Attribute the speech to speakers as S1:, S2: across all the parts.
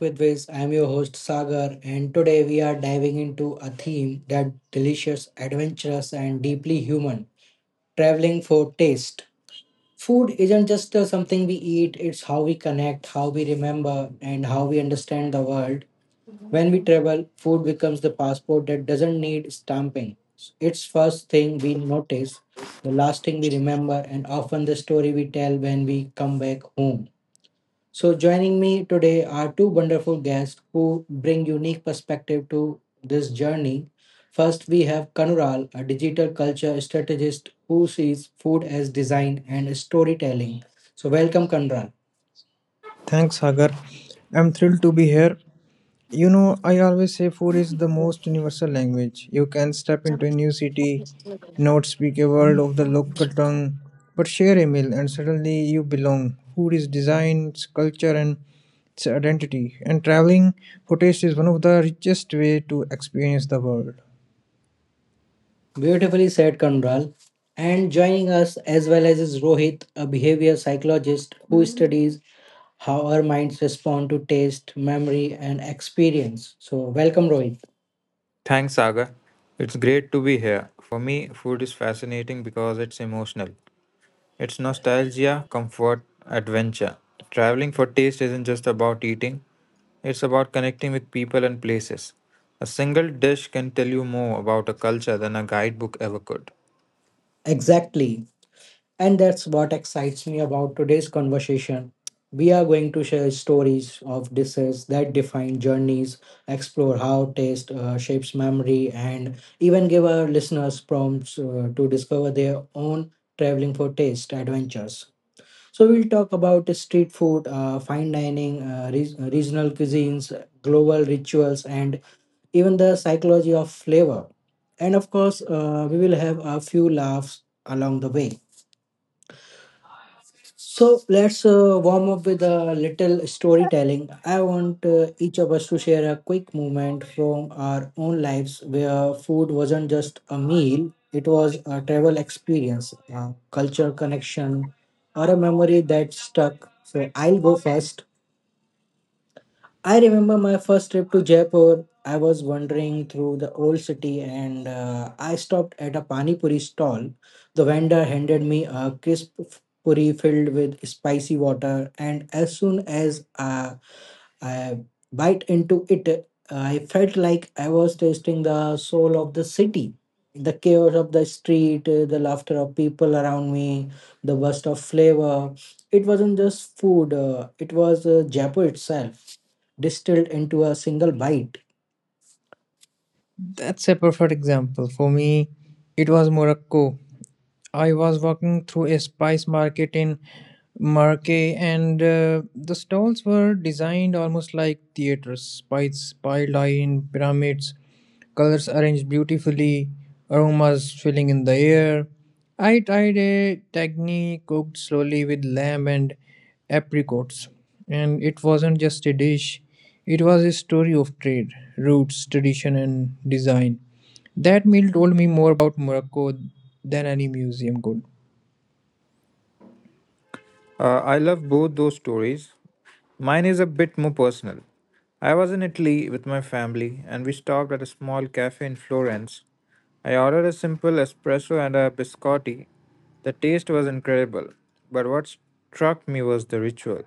S1: with Viz. I am your host Sagar, and today we are diving into a theme that delicious, adventurous, and deeply human: traveling for taste. Food isn't just something we eat; it's how we connect, how we remember, and how we understand the world. When we travel, food becomes the passport that doesn't need stamping. It's first thing we notice, the last thing we remember, and often the story we tell when we come back home. So, joining me today are two wonderful guests who bring unique perspective to this journey. First, we have Kanural, a digital culture strategist who sees food as design and storytelling. So, welcome, Kanural.
S2: Thanks, Sagar. I'm thrilled to be here. You know, I always say food is the most universal language. You can step into a new city, not speak a word of the local tongue, but share a meal and suddenly you belong. Food is design, it's culture, and its identity. And traveling for taste is one of the richest way to experience the world.
S1: Beautifully said, Kanural. And joining us as well as is Rohit, a behavior psychologist who studies how our minds respond to taste, memory, and experience. So, welcome, Rohit.
S3: Thanks, Saga. It's great to be here. For me, food is fascinating because it's emotional. It's nostalgia, comfort, adventure. Traveling for taste isn't just about eating, it's about connecting with people and places. A single dish can tell you more about a culture than a guidebook ever could.
S1: Exactly. And that's what excites me about today's conversation. We are going to share stories of dishes that define journeys, explore how taste shapes memory, and even give our listeners prompts to discover their own traveling for taste adventures. So, we'll talk about street food, fine dining, regional cuisines, global rituals, and even the psychology of flavor. And of course, we will have a few laughs along the way. So let's warm up with a little storytelling. I want each of us to share a quick moment from our own lives where food wasn't just a meal, it was a travel experience, a culture connection, or a memory that stuck. So I'll go first. I remember my first trip to Jaipur. I was wandering through the old city and I stopped at a pani puri stall. The vendor handed me a crisp puri filled with spicy water, and as soon as I bite into it. I felt like I was tasting the soul of the city. The chaos of the street, the laughter of people around me, the burst of flavor. It wasn't just food, it was Jaipur itself, distilled into a single bite.
S2: That's a perfect example. For me, it was Morocco. I was walking through a spice market in Marke, and the stalls were designed almost like theaters. Spices piled high in pyramids, colors arranged beautifully, aromas filling in the air. I tried a tagni cooked slowly with lamb and apricots, and it wasn't just a dish; it was a story of trade, roots, tradition, and design. That meal told me more about Morocco than any museum could.
S3: I love both those stories. Mine is a bit more personal. I was in Italy with my family and we stopped at a small cafe in Florence. I ordered a simple espresso and a biscotti. The taste was incredible, but what struck me was the ritual.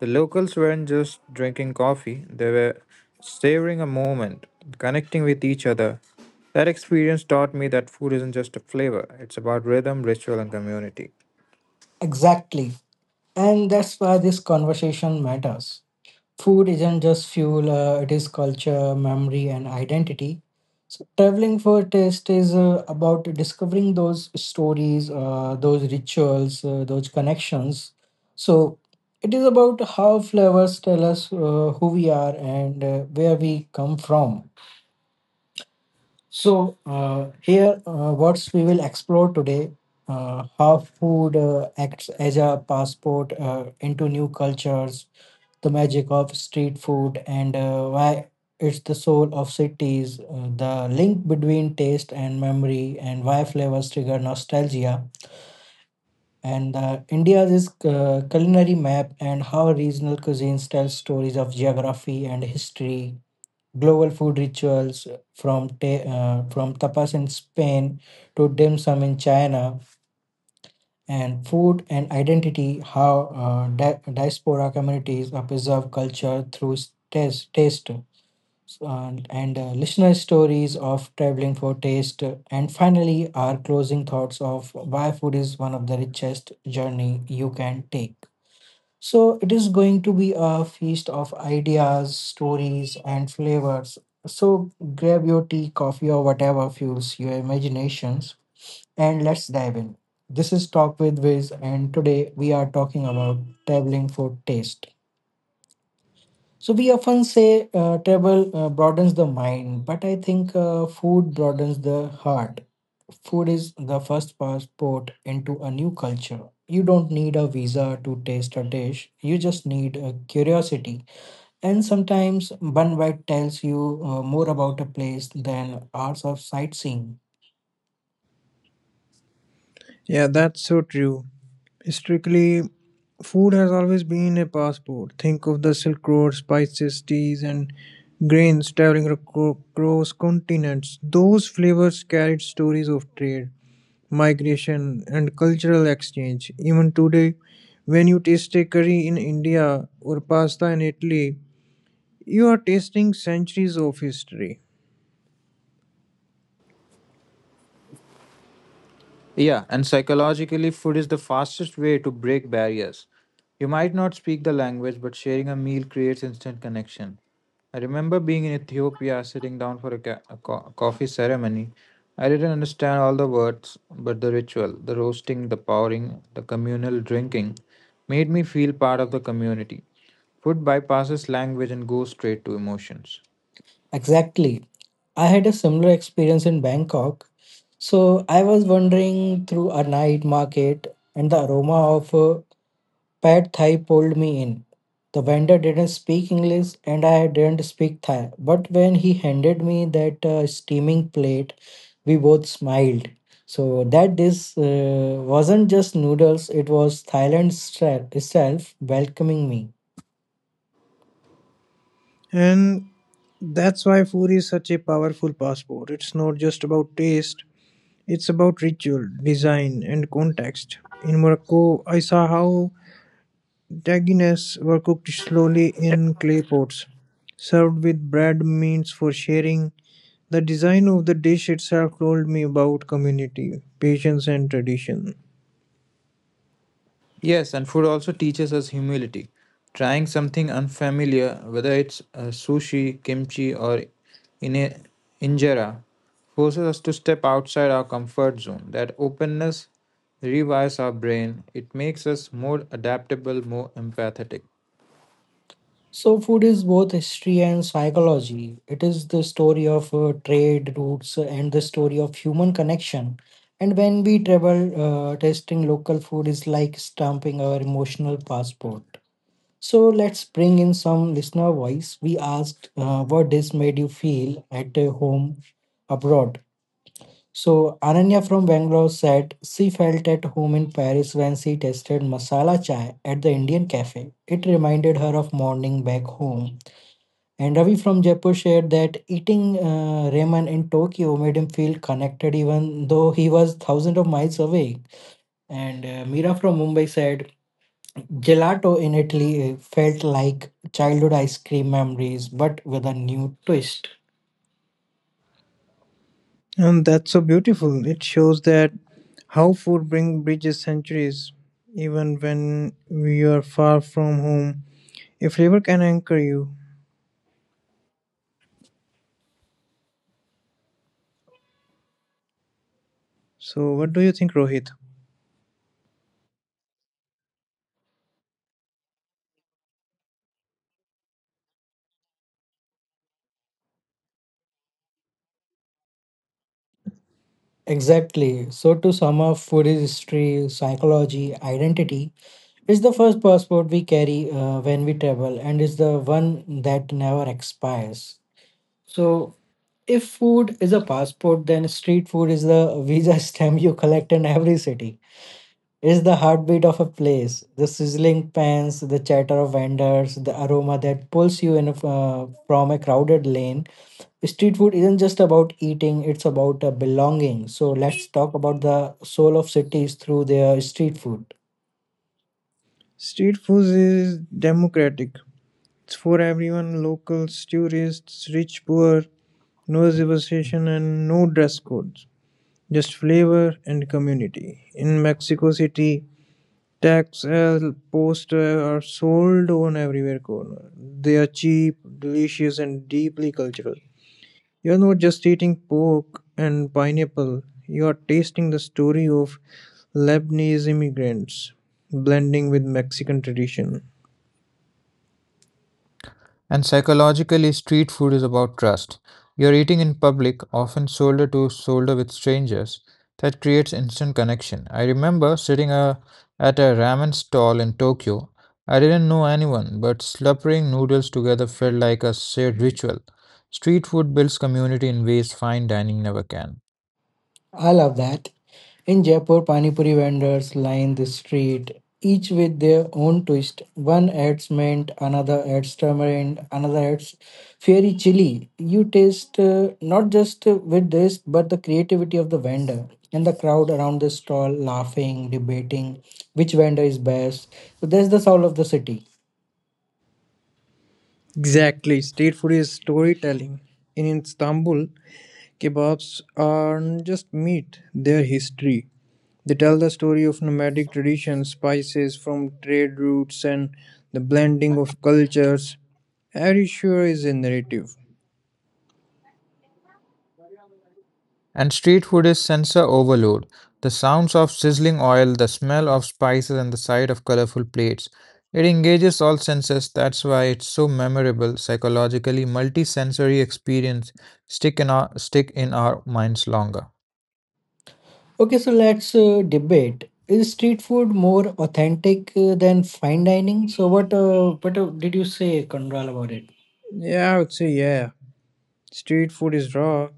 S3: The locals weren't just drinking coffee, they were savoring a moment, connecting with each other. That experience taught me that food isn't just a flavor, it's about rhythm, ritual, and community.
S1: Exactly. And that's why this conversation matters. Food isn't just fuel, it is culture, memory, and identity. So, traveling for taste is about discovering those stories, those rituals, those connections. So, it is about how flavors tell us who we are and where we come from. So, here, what we will explore today: how food acts as a passport into new cultures, the magic of street food and why it's the soul of cities, the link between taste and memory, and why flavors trigger nostalgia, and India's culinary map and how regional cuisines tell stories of geography and history. Global food rituals from from tapas in Spain to dim sum in China, and food and identity, how diaspora communities preserve culture through taste. So, And listener stories of traveling for taste, and finally our closing thoughts of why food is one of the richest journey you can take. So it is going to be a feast of ideas, stories, and flavors. So grab your tea, coffee, or whatever fuels your imaginations, and let's dive in. This is Talk with Wiz, and today we are talking about traveling for taste. So, we often say travel broadens the mind, but I think food broadens the heart. Food is the first passport into a new culture. You don't need a visa to taste a dish, you just need a curiosity. And sometimes one bite tells you more about a place than hours of sightseeing.
S2: Yeah, that's so true. Historically, food has always been a passport. Think of the Silk Road, spices, teas, and grains traveling across continents. Those flavors carried stories of trade, migration, and cultural exchange. Even today, when you taste a curry in India or pasta in Italy, you are tasting centuries of history.
S3: Yeah, and psychologically, food is the fastest way to break barriers. You might not speak the language, but sharing a meal creates instant connection. I remember being in Ethiopia, sitting down for a coffee ceremony. I didn't understand all the words, but the ritual, the roasting, the pouring, the communal drinking made me feel part of the community. Food bypasses language and goes straight to emotions.
S1: Exactly. I had a similar experience in Bangkok. So I was wandering through a night market and the aroma of pad thai pulled me in. The vendor didn't speak English and I didn't speak Thai. But when he handed me that steaming plate, we both smiled. So that this wasn't just noodles, it was Thailand itself welcoming me.
S2: And that's why food is such a powerful passport. It's not just about taste, it's about ritual, design, and context. In Morocco, I saw how tagines were cooked slowly in clay pots, served with bread means for sharing. The design of the dish itself told me about community, patience, and tradition.
S3: Yes, and food also teaches us humility. Trying something unfamiliar, whether it's sushi, kimchi, or in injera, forces us to step outside our comfort zone. That openness rewires our brain. It makes us more adaptable, more empathetic.
S1: So, food is both history and psychology. It is the story of trade routes and the story of human connection. And when we travel, tasting local food is like stamping our emotional passport. So, let's bring in some listener voice. We asked what this made you feel at home abroad. So, Ananya from Bangalore said she felt at home in Paris when she tasted masala chai at the Indian cafe. It reminded her of morning back home. And Ravi from Jaipur shared that eating ramen in Tokyo made him feel connected even though he was thousands of miles away. And Mira from Mumbai said, gelato in Italy felt like childhood ice cream memories, but with a new twist.
S2: And that's so beautiful. It shows that how food bring bridges centuries, even when we are far from home. If flavor can anchor you. So, what do you think, Rohit?
S1: Exactly. So, to sum up, food is history, psychology, identity. It's the first passport we carry when we travel, and it's the one that never expires. So, if food is a passport, then street food is the visa stamp you collect in every city. It's the heartbeat of a place, the sizzling pans, the chatter of vendors, the aroma that pulls you in from a crowded lane. Street food isn't just about eating, it's about belonging. So let's talk about the soul of cities through their street food.
S2: Street food is democratic. It's for everyone locals, tourists, rich, poor, no reservation and no dress codes. Just flavor and community. In Mexico City, tax El posters are sold on everywhere corner. They are cheap, delicious, and deeply cultural. You're not just eating pork and pineapple, you are tasting the story of Lebanese immigrants blending with Mexican tradition.
S4: And psychologically, street food is about trust. You're eating in public, often shoulder to shoulder with strangers. That creates instant connection. I remember sitting at a ramen stall in Tokyo. I didn't know anyone, but slurping noodles together felt like a shared ritual. Street food builds community in ways fine dining never can.
S1: I love that. In Jaipur, pani puri vendors line the street, each with their own twist. One adds mint, another adds tamarind, another adds fiery chili. You taste not just with this, but the creativity of the vendor and the crowd around the stall laughing, debating which vendor is best. So that's the soul of the city.
S2: Exactly, street food is storytelling. In Istanbul, kebabs aren't just meat, they're history. They tell the story of nomadic traditions, spices from trade routes, and the blending of cultures. Are you sure is a narrative?
S4: And street food is sensor overload. The sounds of sizzling oil, the smell of spices, and the sight of colorful plates. It engages all senses, that's why it's so memorable. Psychologically, multi sensory experience stick in our minds longer.
S1: Okay, so let's debate. Is street food more authentic than fine dining? So what? What did you say, Conral, about it?
S2: Yeah, I would say yeah. Street food is raw,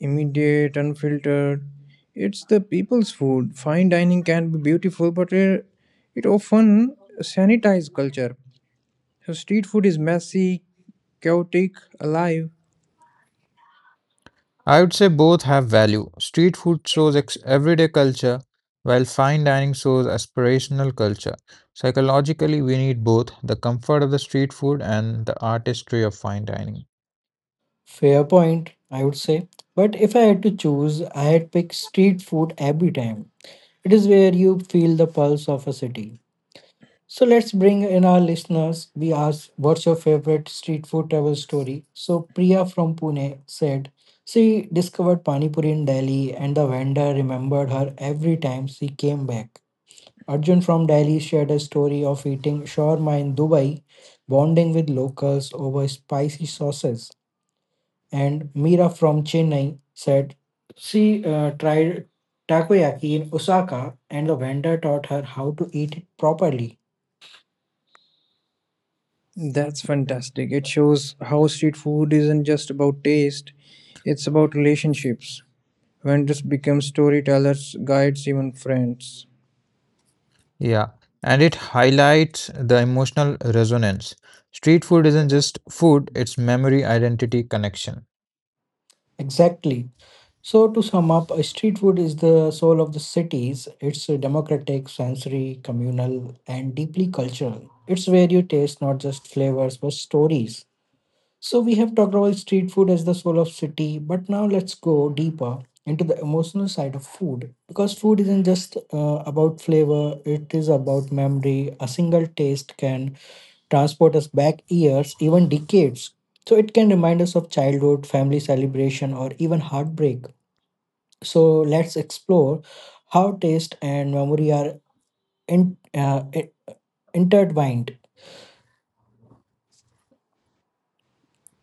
S2: immediate, unfiltered. It's the people's food. Fine dining can be beautiful, but it often sanitizes culture. So street food is messy, chaotic, alive.
S4: I would say both have value. Street food shows everyday culture, while fine dining shows aspirational culture. Psychologically, we need both the comfort of the street food and the artistry of fine dining.
S1: Fair point, I would say. But if I had to choose, I had pick street food every time. It is where you feel the pulse of a city. So let's bring in our listeners. We asked, what's your favorite street food travel story? So Priya from Pune said, she discovered pani puri in Delhi and the vendor remembered her every time she came back. Arjun from Delhi shared a story of eating shawarma in Dubai, bonding with locals over spicy sauces. And Mira from Chennai said she tried takoyaki in Osaka and the vendor taught her how to eat it properly.
S2: That's fantastic. It shows how street food isn't just about taste, it's about relationships. Vendors become storytellers, guides, even friends.
S4: Yeah, and it highlights the emotional resonance. Street food isn't just food, it's memory, identity, connection.
S1: Exactly. So, to sum up, street food is the soul of the cities. It's democratic, sensory, communal, and deeply cultural. It's where you taste not just flavors but stories. So we have talked about street food as the soul of city, but now let's go deeper into the emotional side of food, because food isn't just about flavor, it is about memory. A single taste can transport us back years, even decades. So it can remind us of childhood, family celebration, or even heartbreak. So let's explore how taste and memory are in, uh, intertwined.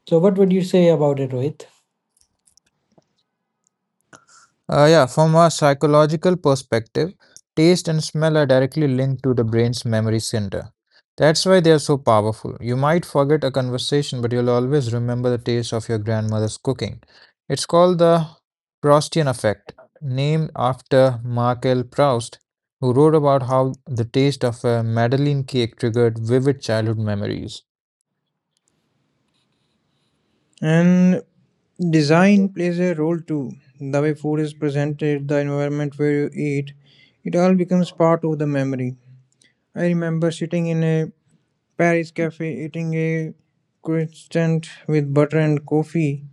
S1: So what would you say about it, Rohit?
S4: Yeah, from a psychological perspective, taste and smell are directly linked to the brain's memory center. That's why they are so powerful. You might forget a conversation, but you'll always remember the taste of your grandmother's cooking. It's called the Proustian effect, named after Marcel Proust, who wrote about how the taste of a Madeleine cake triggered vivid childhood memories.
S2: And design plays a role too. The way food is presented, the environment where you eat, it all becomes part of the memory. I remember sitting in a Paris cafe eating a croissant with butter and coffee.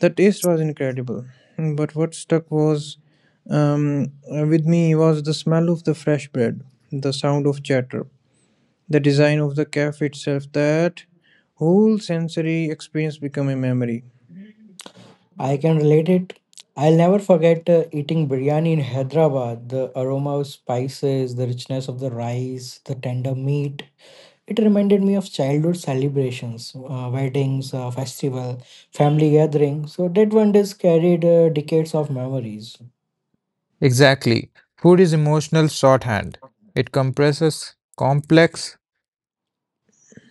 S2: The taste was incredible, but what stuck was with me was the smell of the fresh bread, the sound of chatter, the design of the cafe itself. That whole sensory experience became a memory.
S1: I can relate it. I'll never forget eating biryani in Hyderabad. The aroma of spices, the richness of the rice, the tender meat. It reminded me of childhood celebrations, weddings, festival, family gathering. So that one dish carried decades of memories.
S4: Exactly. Food is emotional shorthand. It compresses complex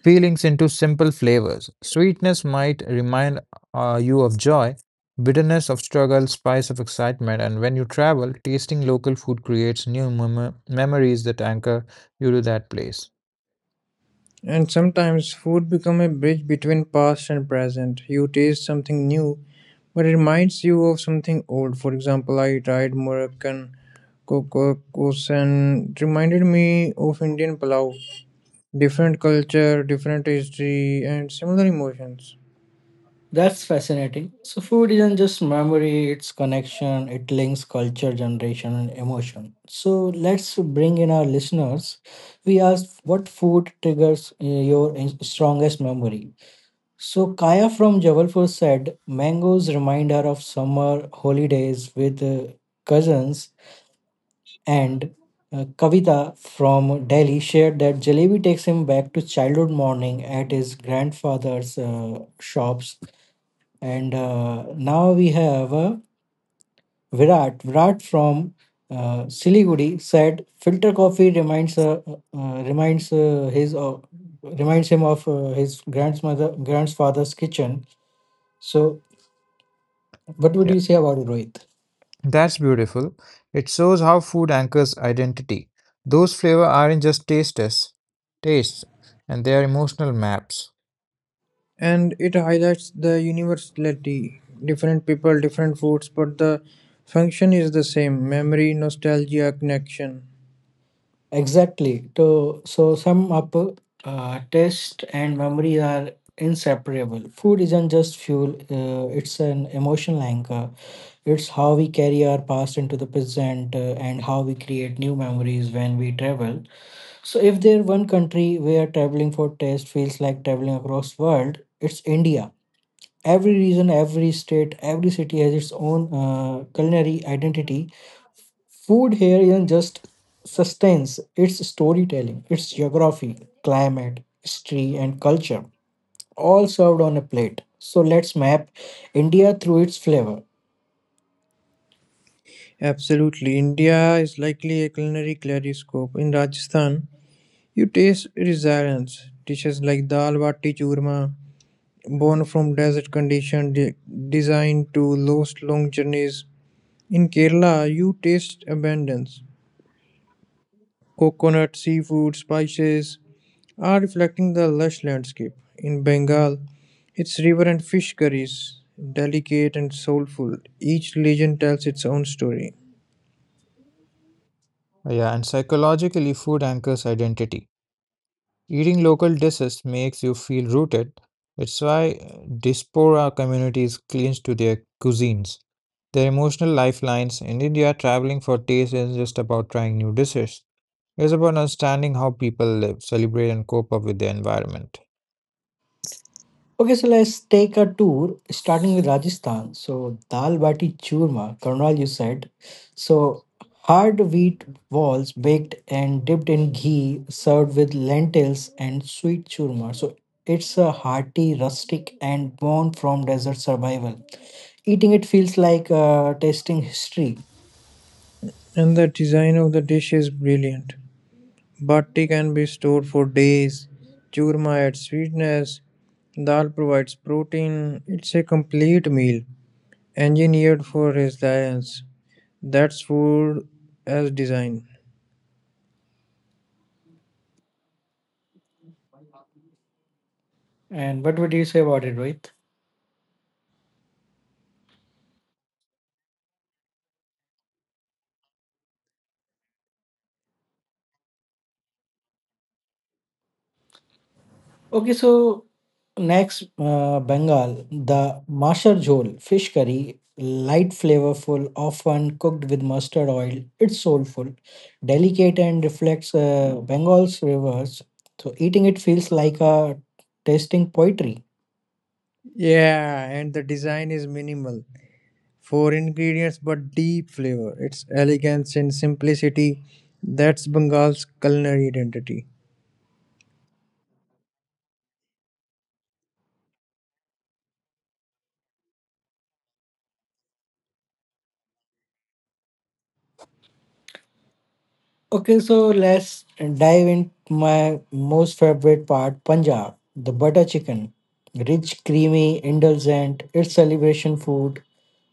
S4: feelings into simple flavors. Sweetness might remind you of joy, bitterness of struggle, spice of excitement. And when you travel, tasting local food creates new memories that anchor you to that place.
S2: And sometimes food become a bridge between past and present. You taste something new, but it reminds you of something old. For example, I tried Moroccan couscous and it reminded me of Indian pulao. Different culture, different history, and similar emotions.
S1: That's fascinating. So, food isn't just memory, it's connection, it links culture, generation, and emotion. So, let's bring in our listeners. We asked what food triggers your strongest memory. So, Kaya from Jabalpur said mangoes remind her of summer holidays with cousins, and Kavita from Delhi shared that jalebi takes him back to childhood morning at his grandfather's shops, and now we have Virat. Virat from Siliguri said filter coffee reminds him of his grandmother grandfather's kitchen. So what would you say about it, Rohit?
S4: That's beautiful. It shows how food anchors identity. Those flavors aren't just tastes, and they are emotional maps.
S2: And it highlights the universality. Different people, different foods, but the function is the same: memory, nostalgia, connection.
S1: Exactly. So sum up. Taste and memory are inseparable. Food isn't just fuel; it's an emotional anchor. It's how we carry our past into the present and how we create new memories when we travel. So if there one country where traveling for taste feels like traveling across world, it's India. Every region, every state, every city has its own culinary identity. Food here isn't just sustenance, it's storytelling, it's geography, climate, history and culture all served on a plate. So let's map India through its flavor.
S2: Absolutely. India is likely a culinary kaleidoscope. In Rajasthan, you taste resilience. Dishes like dal bati churma, born from desert conditions, designed to last long journeys. In Kerala, you taste abundance. Coconut, seafood, spices are reflecting the lush landscape. In Bengal, its river and fish curries, delicate and soulful. Each legend tells its own story.
S4: Yeah, and psychologically, food anchors identity. Eating local dishes makes you feel rooted. It's why diaspora communities cling to their cuisines, their emotional lifelines. In India, traveling for taste isn't just about trying new dishes. It's about understanding how people live, celebrate, and cope up with their environment.
S1: Okay, so let's take a tour starting with Rajasthan. So, dal bati churma, Karnal, you said. So, hard wheat balls baked and dipped in ghee, served with lentils and sweet churma. So, it's a hearty, rustic, and born from desert survival. Eating it feels like tasting history.
S2: And the design of the dish is brilliant. Bhatti can be stored for days. Churma adds sweetness. Dal provides protein. It's a complete meal, engineered for resilience. That's food as design.
S1: And what would you say about it, Rohit? Okay, so next, Bengal, the Mashar Jhol fish curry, light flavorful, often cooked with mustard oil. It's soulful, delicate, and reflects Bengal's rivers. So, eating it feels like a tasting poetry.
S2: Yeah, and the design is minimal. Four ingredients but deep flavor. It's elegance and simplicity. That's Bengal's culinary identity.
S1: Okay, so let's dive into my most favorite part, Punjab, the butter chicken. Rich, creamy, indulgent, it's celebration food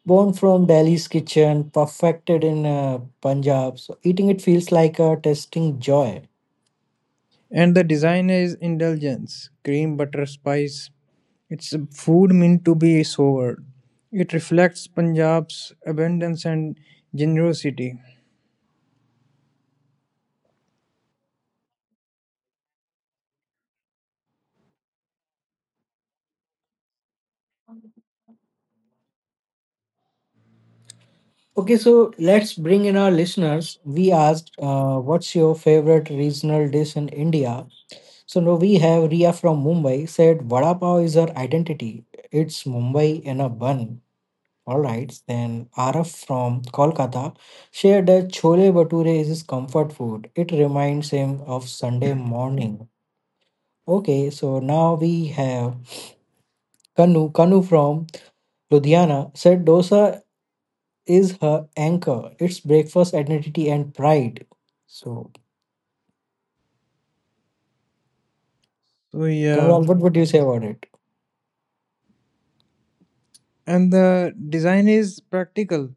S1: born from Delhi's kitchen, perfected in Punjab. So eating it feels like a tasting joy.
S2: And the design is indulgence cream, butter, spice. It's a food meant to be savored. It reflects Punjab's abundance and generosity.
S1: Okay, so let's bring in our listeners. We asked, what's your favorite regional dish in India? So now we have Ria from Mumbai said, Vada Pav is her identity. It's Mumbai in a bun. All right. Then Araf from Kolkata shared that Chole Bhature is his comfort food. It reminds him of Sunday morning. Okay, so now we have Kanu, Kanu from Ludhiana, said dosa is her anchor. It's breakfast, identity, and pride. So,
S2: So yeah,
S1: Kanwal, what would you say about it?
S2: and the design is practical.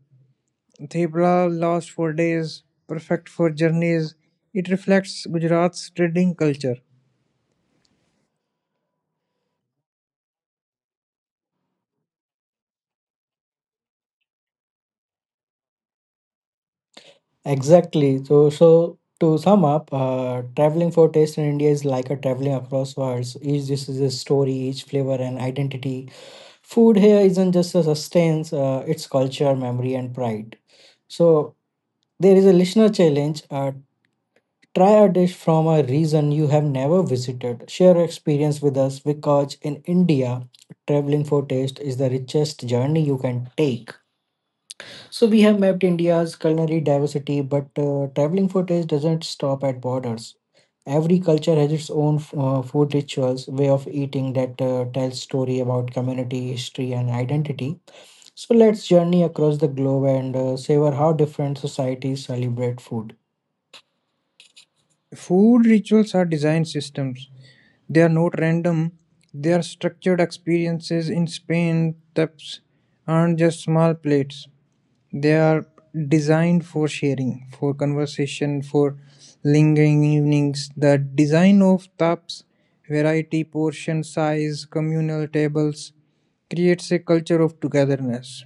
S2: Thepla lasts for days, perfect for journeys. It reflects Gujarat's trading culture.
S1: Exactly. So to sum up, traveling for taste in India is like a traveling across worlds. Each dish is a story, each flavor and identity. Food here isn't just a sustenance; it's culture, memory, and pride. So, there is a listener challenge. Try a dish from a region you have never visited. Share your experience with us because in India, traveling for taste is the richest journey you can take. So we have mapped India's culinary diversity, but traveling for taste doesn't stop at borders. Every culture has its own food rituals, way of eating that tells story about community, history, and identity. So let's journey across the globe and savor how different societies celebrate food.
S2: Food rituals are design systems. They are not random. They are structured experiences in Spain. Taps aren't just small plates. They are designed for sharing, for conversation, for lingering evenings. The design of taps, variety, portion size, communal tables creates a culture of togetherness.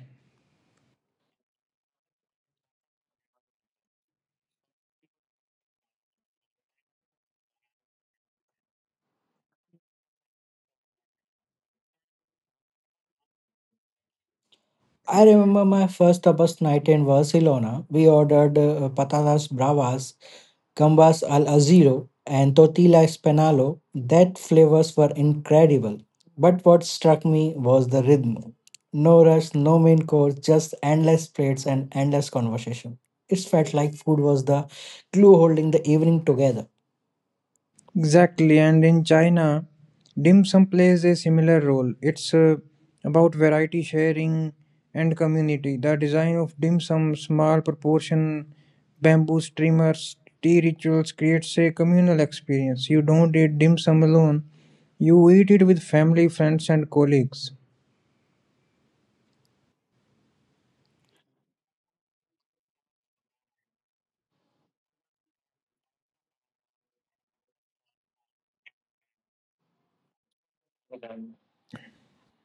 S1: I remember my first tapas night in Barcelona. We ordered patatas bravas, gambas al ajillo, and tortilla espanalo. That flavors were incredible. But what struck me was the rhythm. No rush, no main course, just endless plates and endless conversation. It felt like food was the glue holding the evening together.
S2: Exactly, and in China, dim sum plays a similar role. It's about variety sharing and community. The design of dim sum, small proportion, bamboo streamers, tea rituals creates a communal experience. You don't eat dim sum alone, you eat it with family, friends, and colleagues.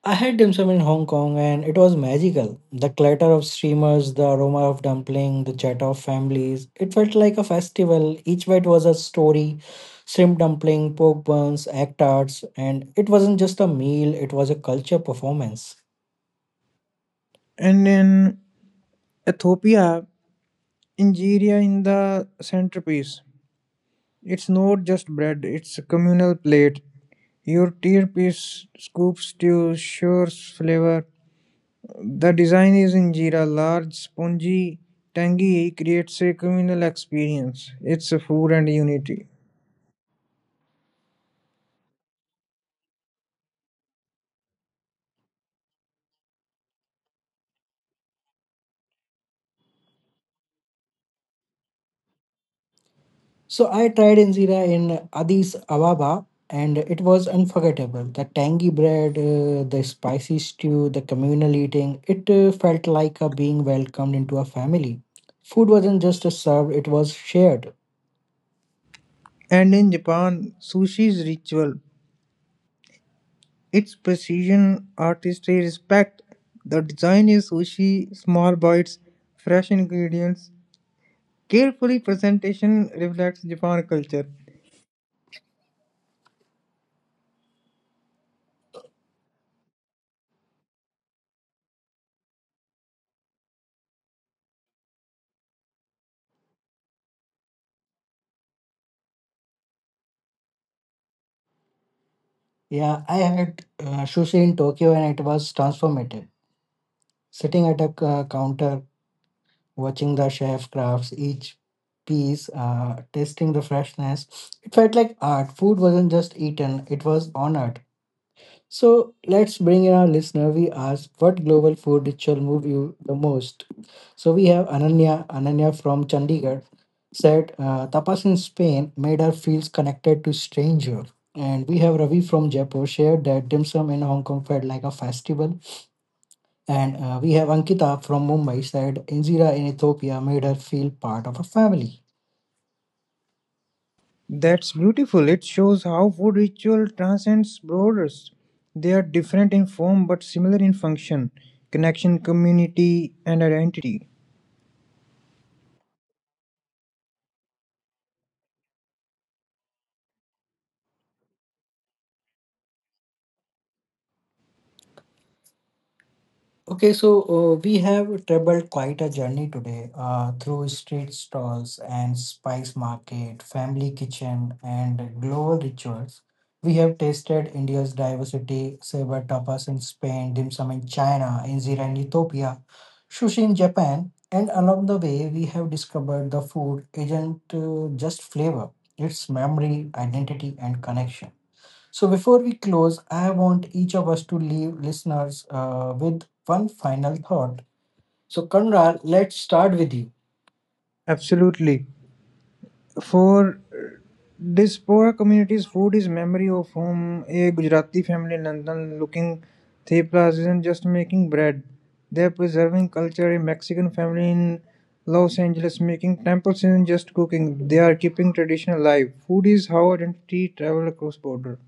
S1: I had dim sum in Hong Kong and it was magical. The clatter of streamers, the aroma of dumpling, the chatter of families. It felt like a festival. Each bite was a story. Shrimp dumpling, pork buns, egg tarts, and it wasn't just a meal, it was a culture performance.
S2: And in Ethiopia, injera in the centerpiece. It's not just bread, it's a communal plate. Your tier-piece scoop stew ensures flavor. The design is in Jira. Large, spongy, tangy creates a communal experience. It's a food and unity.
S1: So I tried injera in Addis Ababa and it was unforgettable. The tangy bread, the spicy stew, the communal eating, it felt like a being welcomed into a family. Food wasn't just served, it was shared.
S2: And in Japan, sushi's ritual. Its precision, artistry, respect. The design is sushi, small bites, fresh ingredients. Carefully presentation reflects Japan culture.
S1: Yeah, I had sushi in Tokyo and it was transformative. Sitting at a counter, watching the chef crafts each piece, tasting the freshness, it felt like art. Food wasn't just eaten, it was honored. So let's bring in our listener. We asked what global food ritual moved you the most. So we have Ananya, Ananya from Chandigarh said tapas in Spain made her feel connected to stranger. And we have Ravi from Jaipur shared that dim sum in Hong Kong felt like a festival. And we have Ankita from Mumbai said injera in Ethiopia made her feel part of a family.
S2: That's beautiful. It shows how food ritual transcends borders. They are different in form but similar in function, connection, community, and identity.
S1: Okay, so we have traveled quite a journey today through street stalls and spice market, family kitchen, and global rituals. We have tasted India's diversity, saber tapas in Spain, dim sum in China, injera in Ethiopia, sushi in Japan, and along the way, we have discovered the food isn't just flavor, it's memory, identity, and connection. So before we close, I want each of us to leave listeners with one final thought. So Kanral, let's start with you.
S2: Absolutely. For this poor community's food is memory of home. A Gujarati family in London looking theplas isn't just making bread. They're preserving culture. A Mexican family in Los Angeles making temples isn't just cooking. They are keeping tradition alive. Food is how identity travel across border.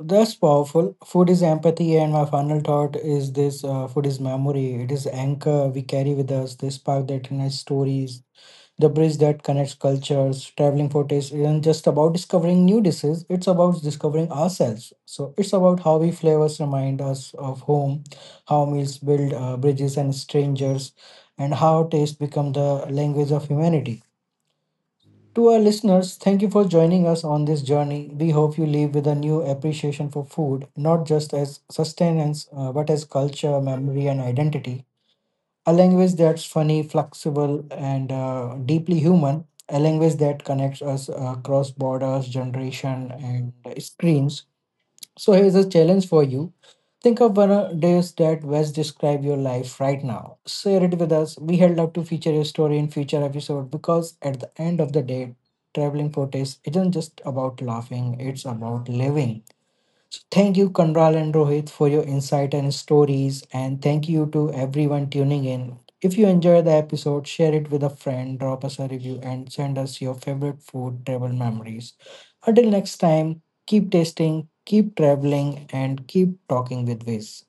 S1: That's powerful. Food is empathy, and my final thought is this: food is memory. It is anchor we carry with us. The spark that unites stories, the bridge that connects cultures. Traveling for taste isn't just about discovering new dishes, it's about discovering ourselves. So it's about how we flavors remind us of home, how meals build bridges and strangers, and how taste become the language of humanity. To our listeners, thank you for joining us on this journey. We hope you leave with a new appreciation for food, not just as sustenance, but as culture, memory, and identity. A language that's funny, flexible, and deeply human. A language that connects us across borders, generation, and screens. So here's a challenge for you. Think of one of days that best describe your life right now. Share it with us. We would love to feature your story in future episode because at the end of the day, traveling protest isn't just about laughing; it's about living. So thank you, Kanral and Rohit, for your insight and stories. And thank you to everyone tuning in. If you enjoyed the episode, share it with a friend, drop us a review, and send us your favorite food travel memories. Until next time, keep tasting, keep traveling, and keep talking with Wiz.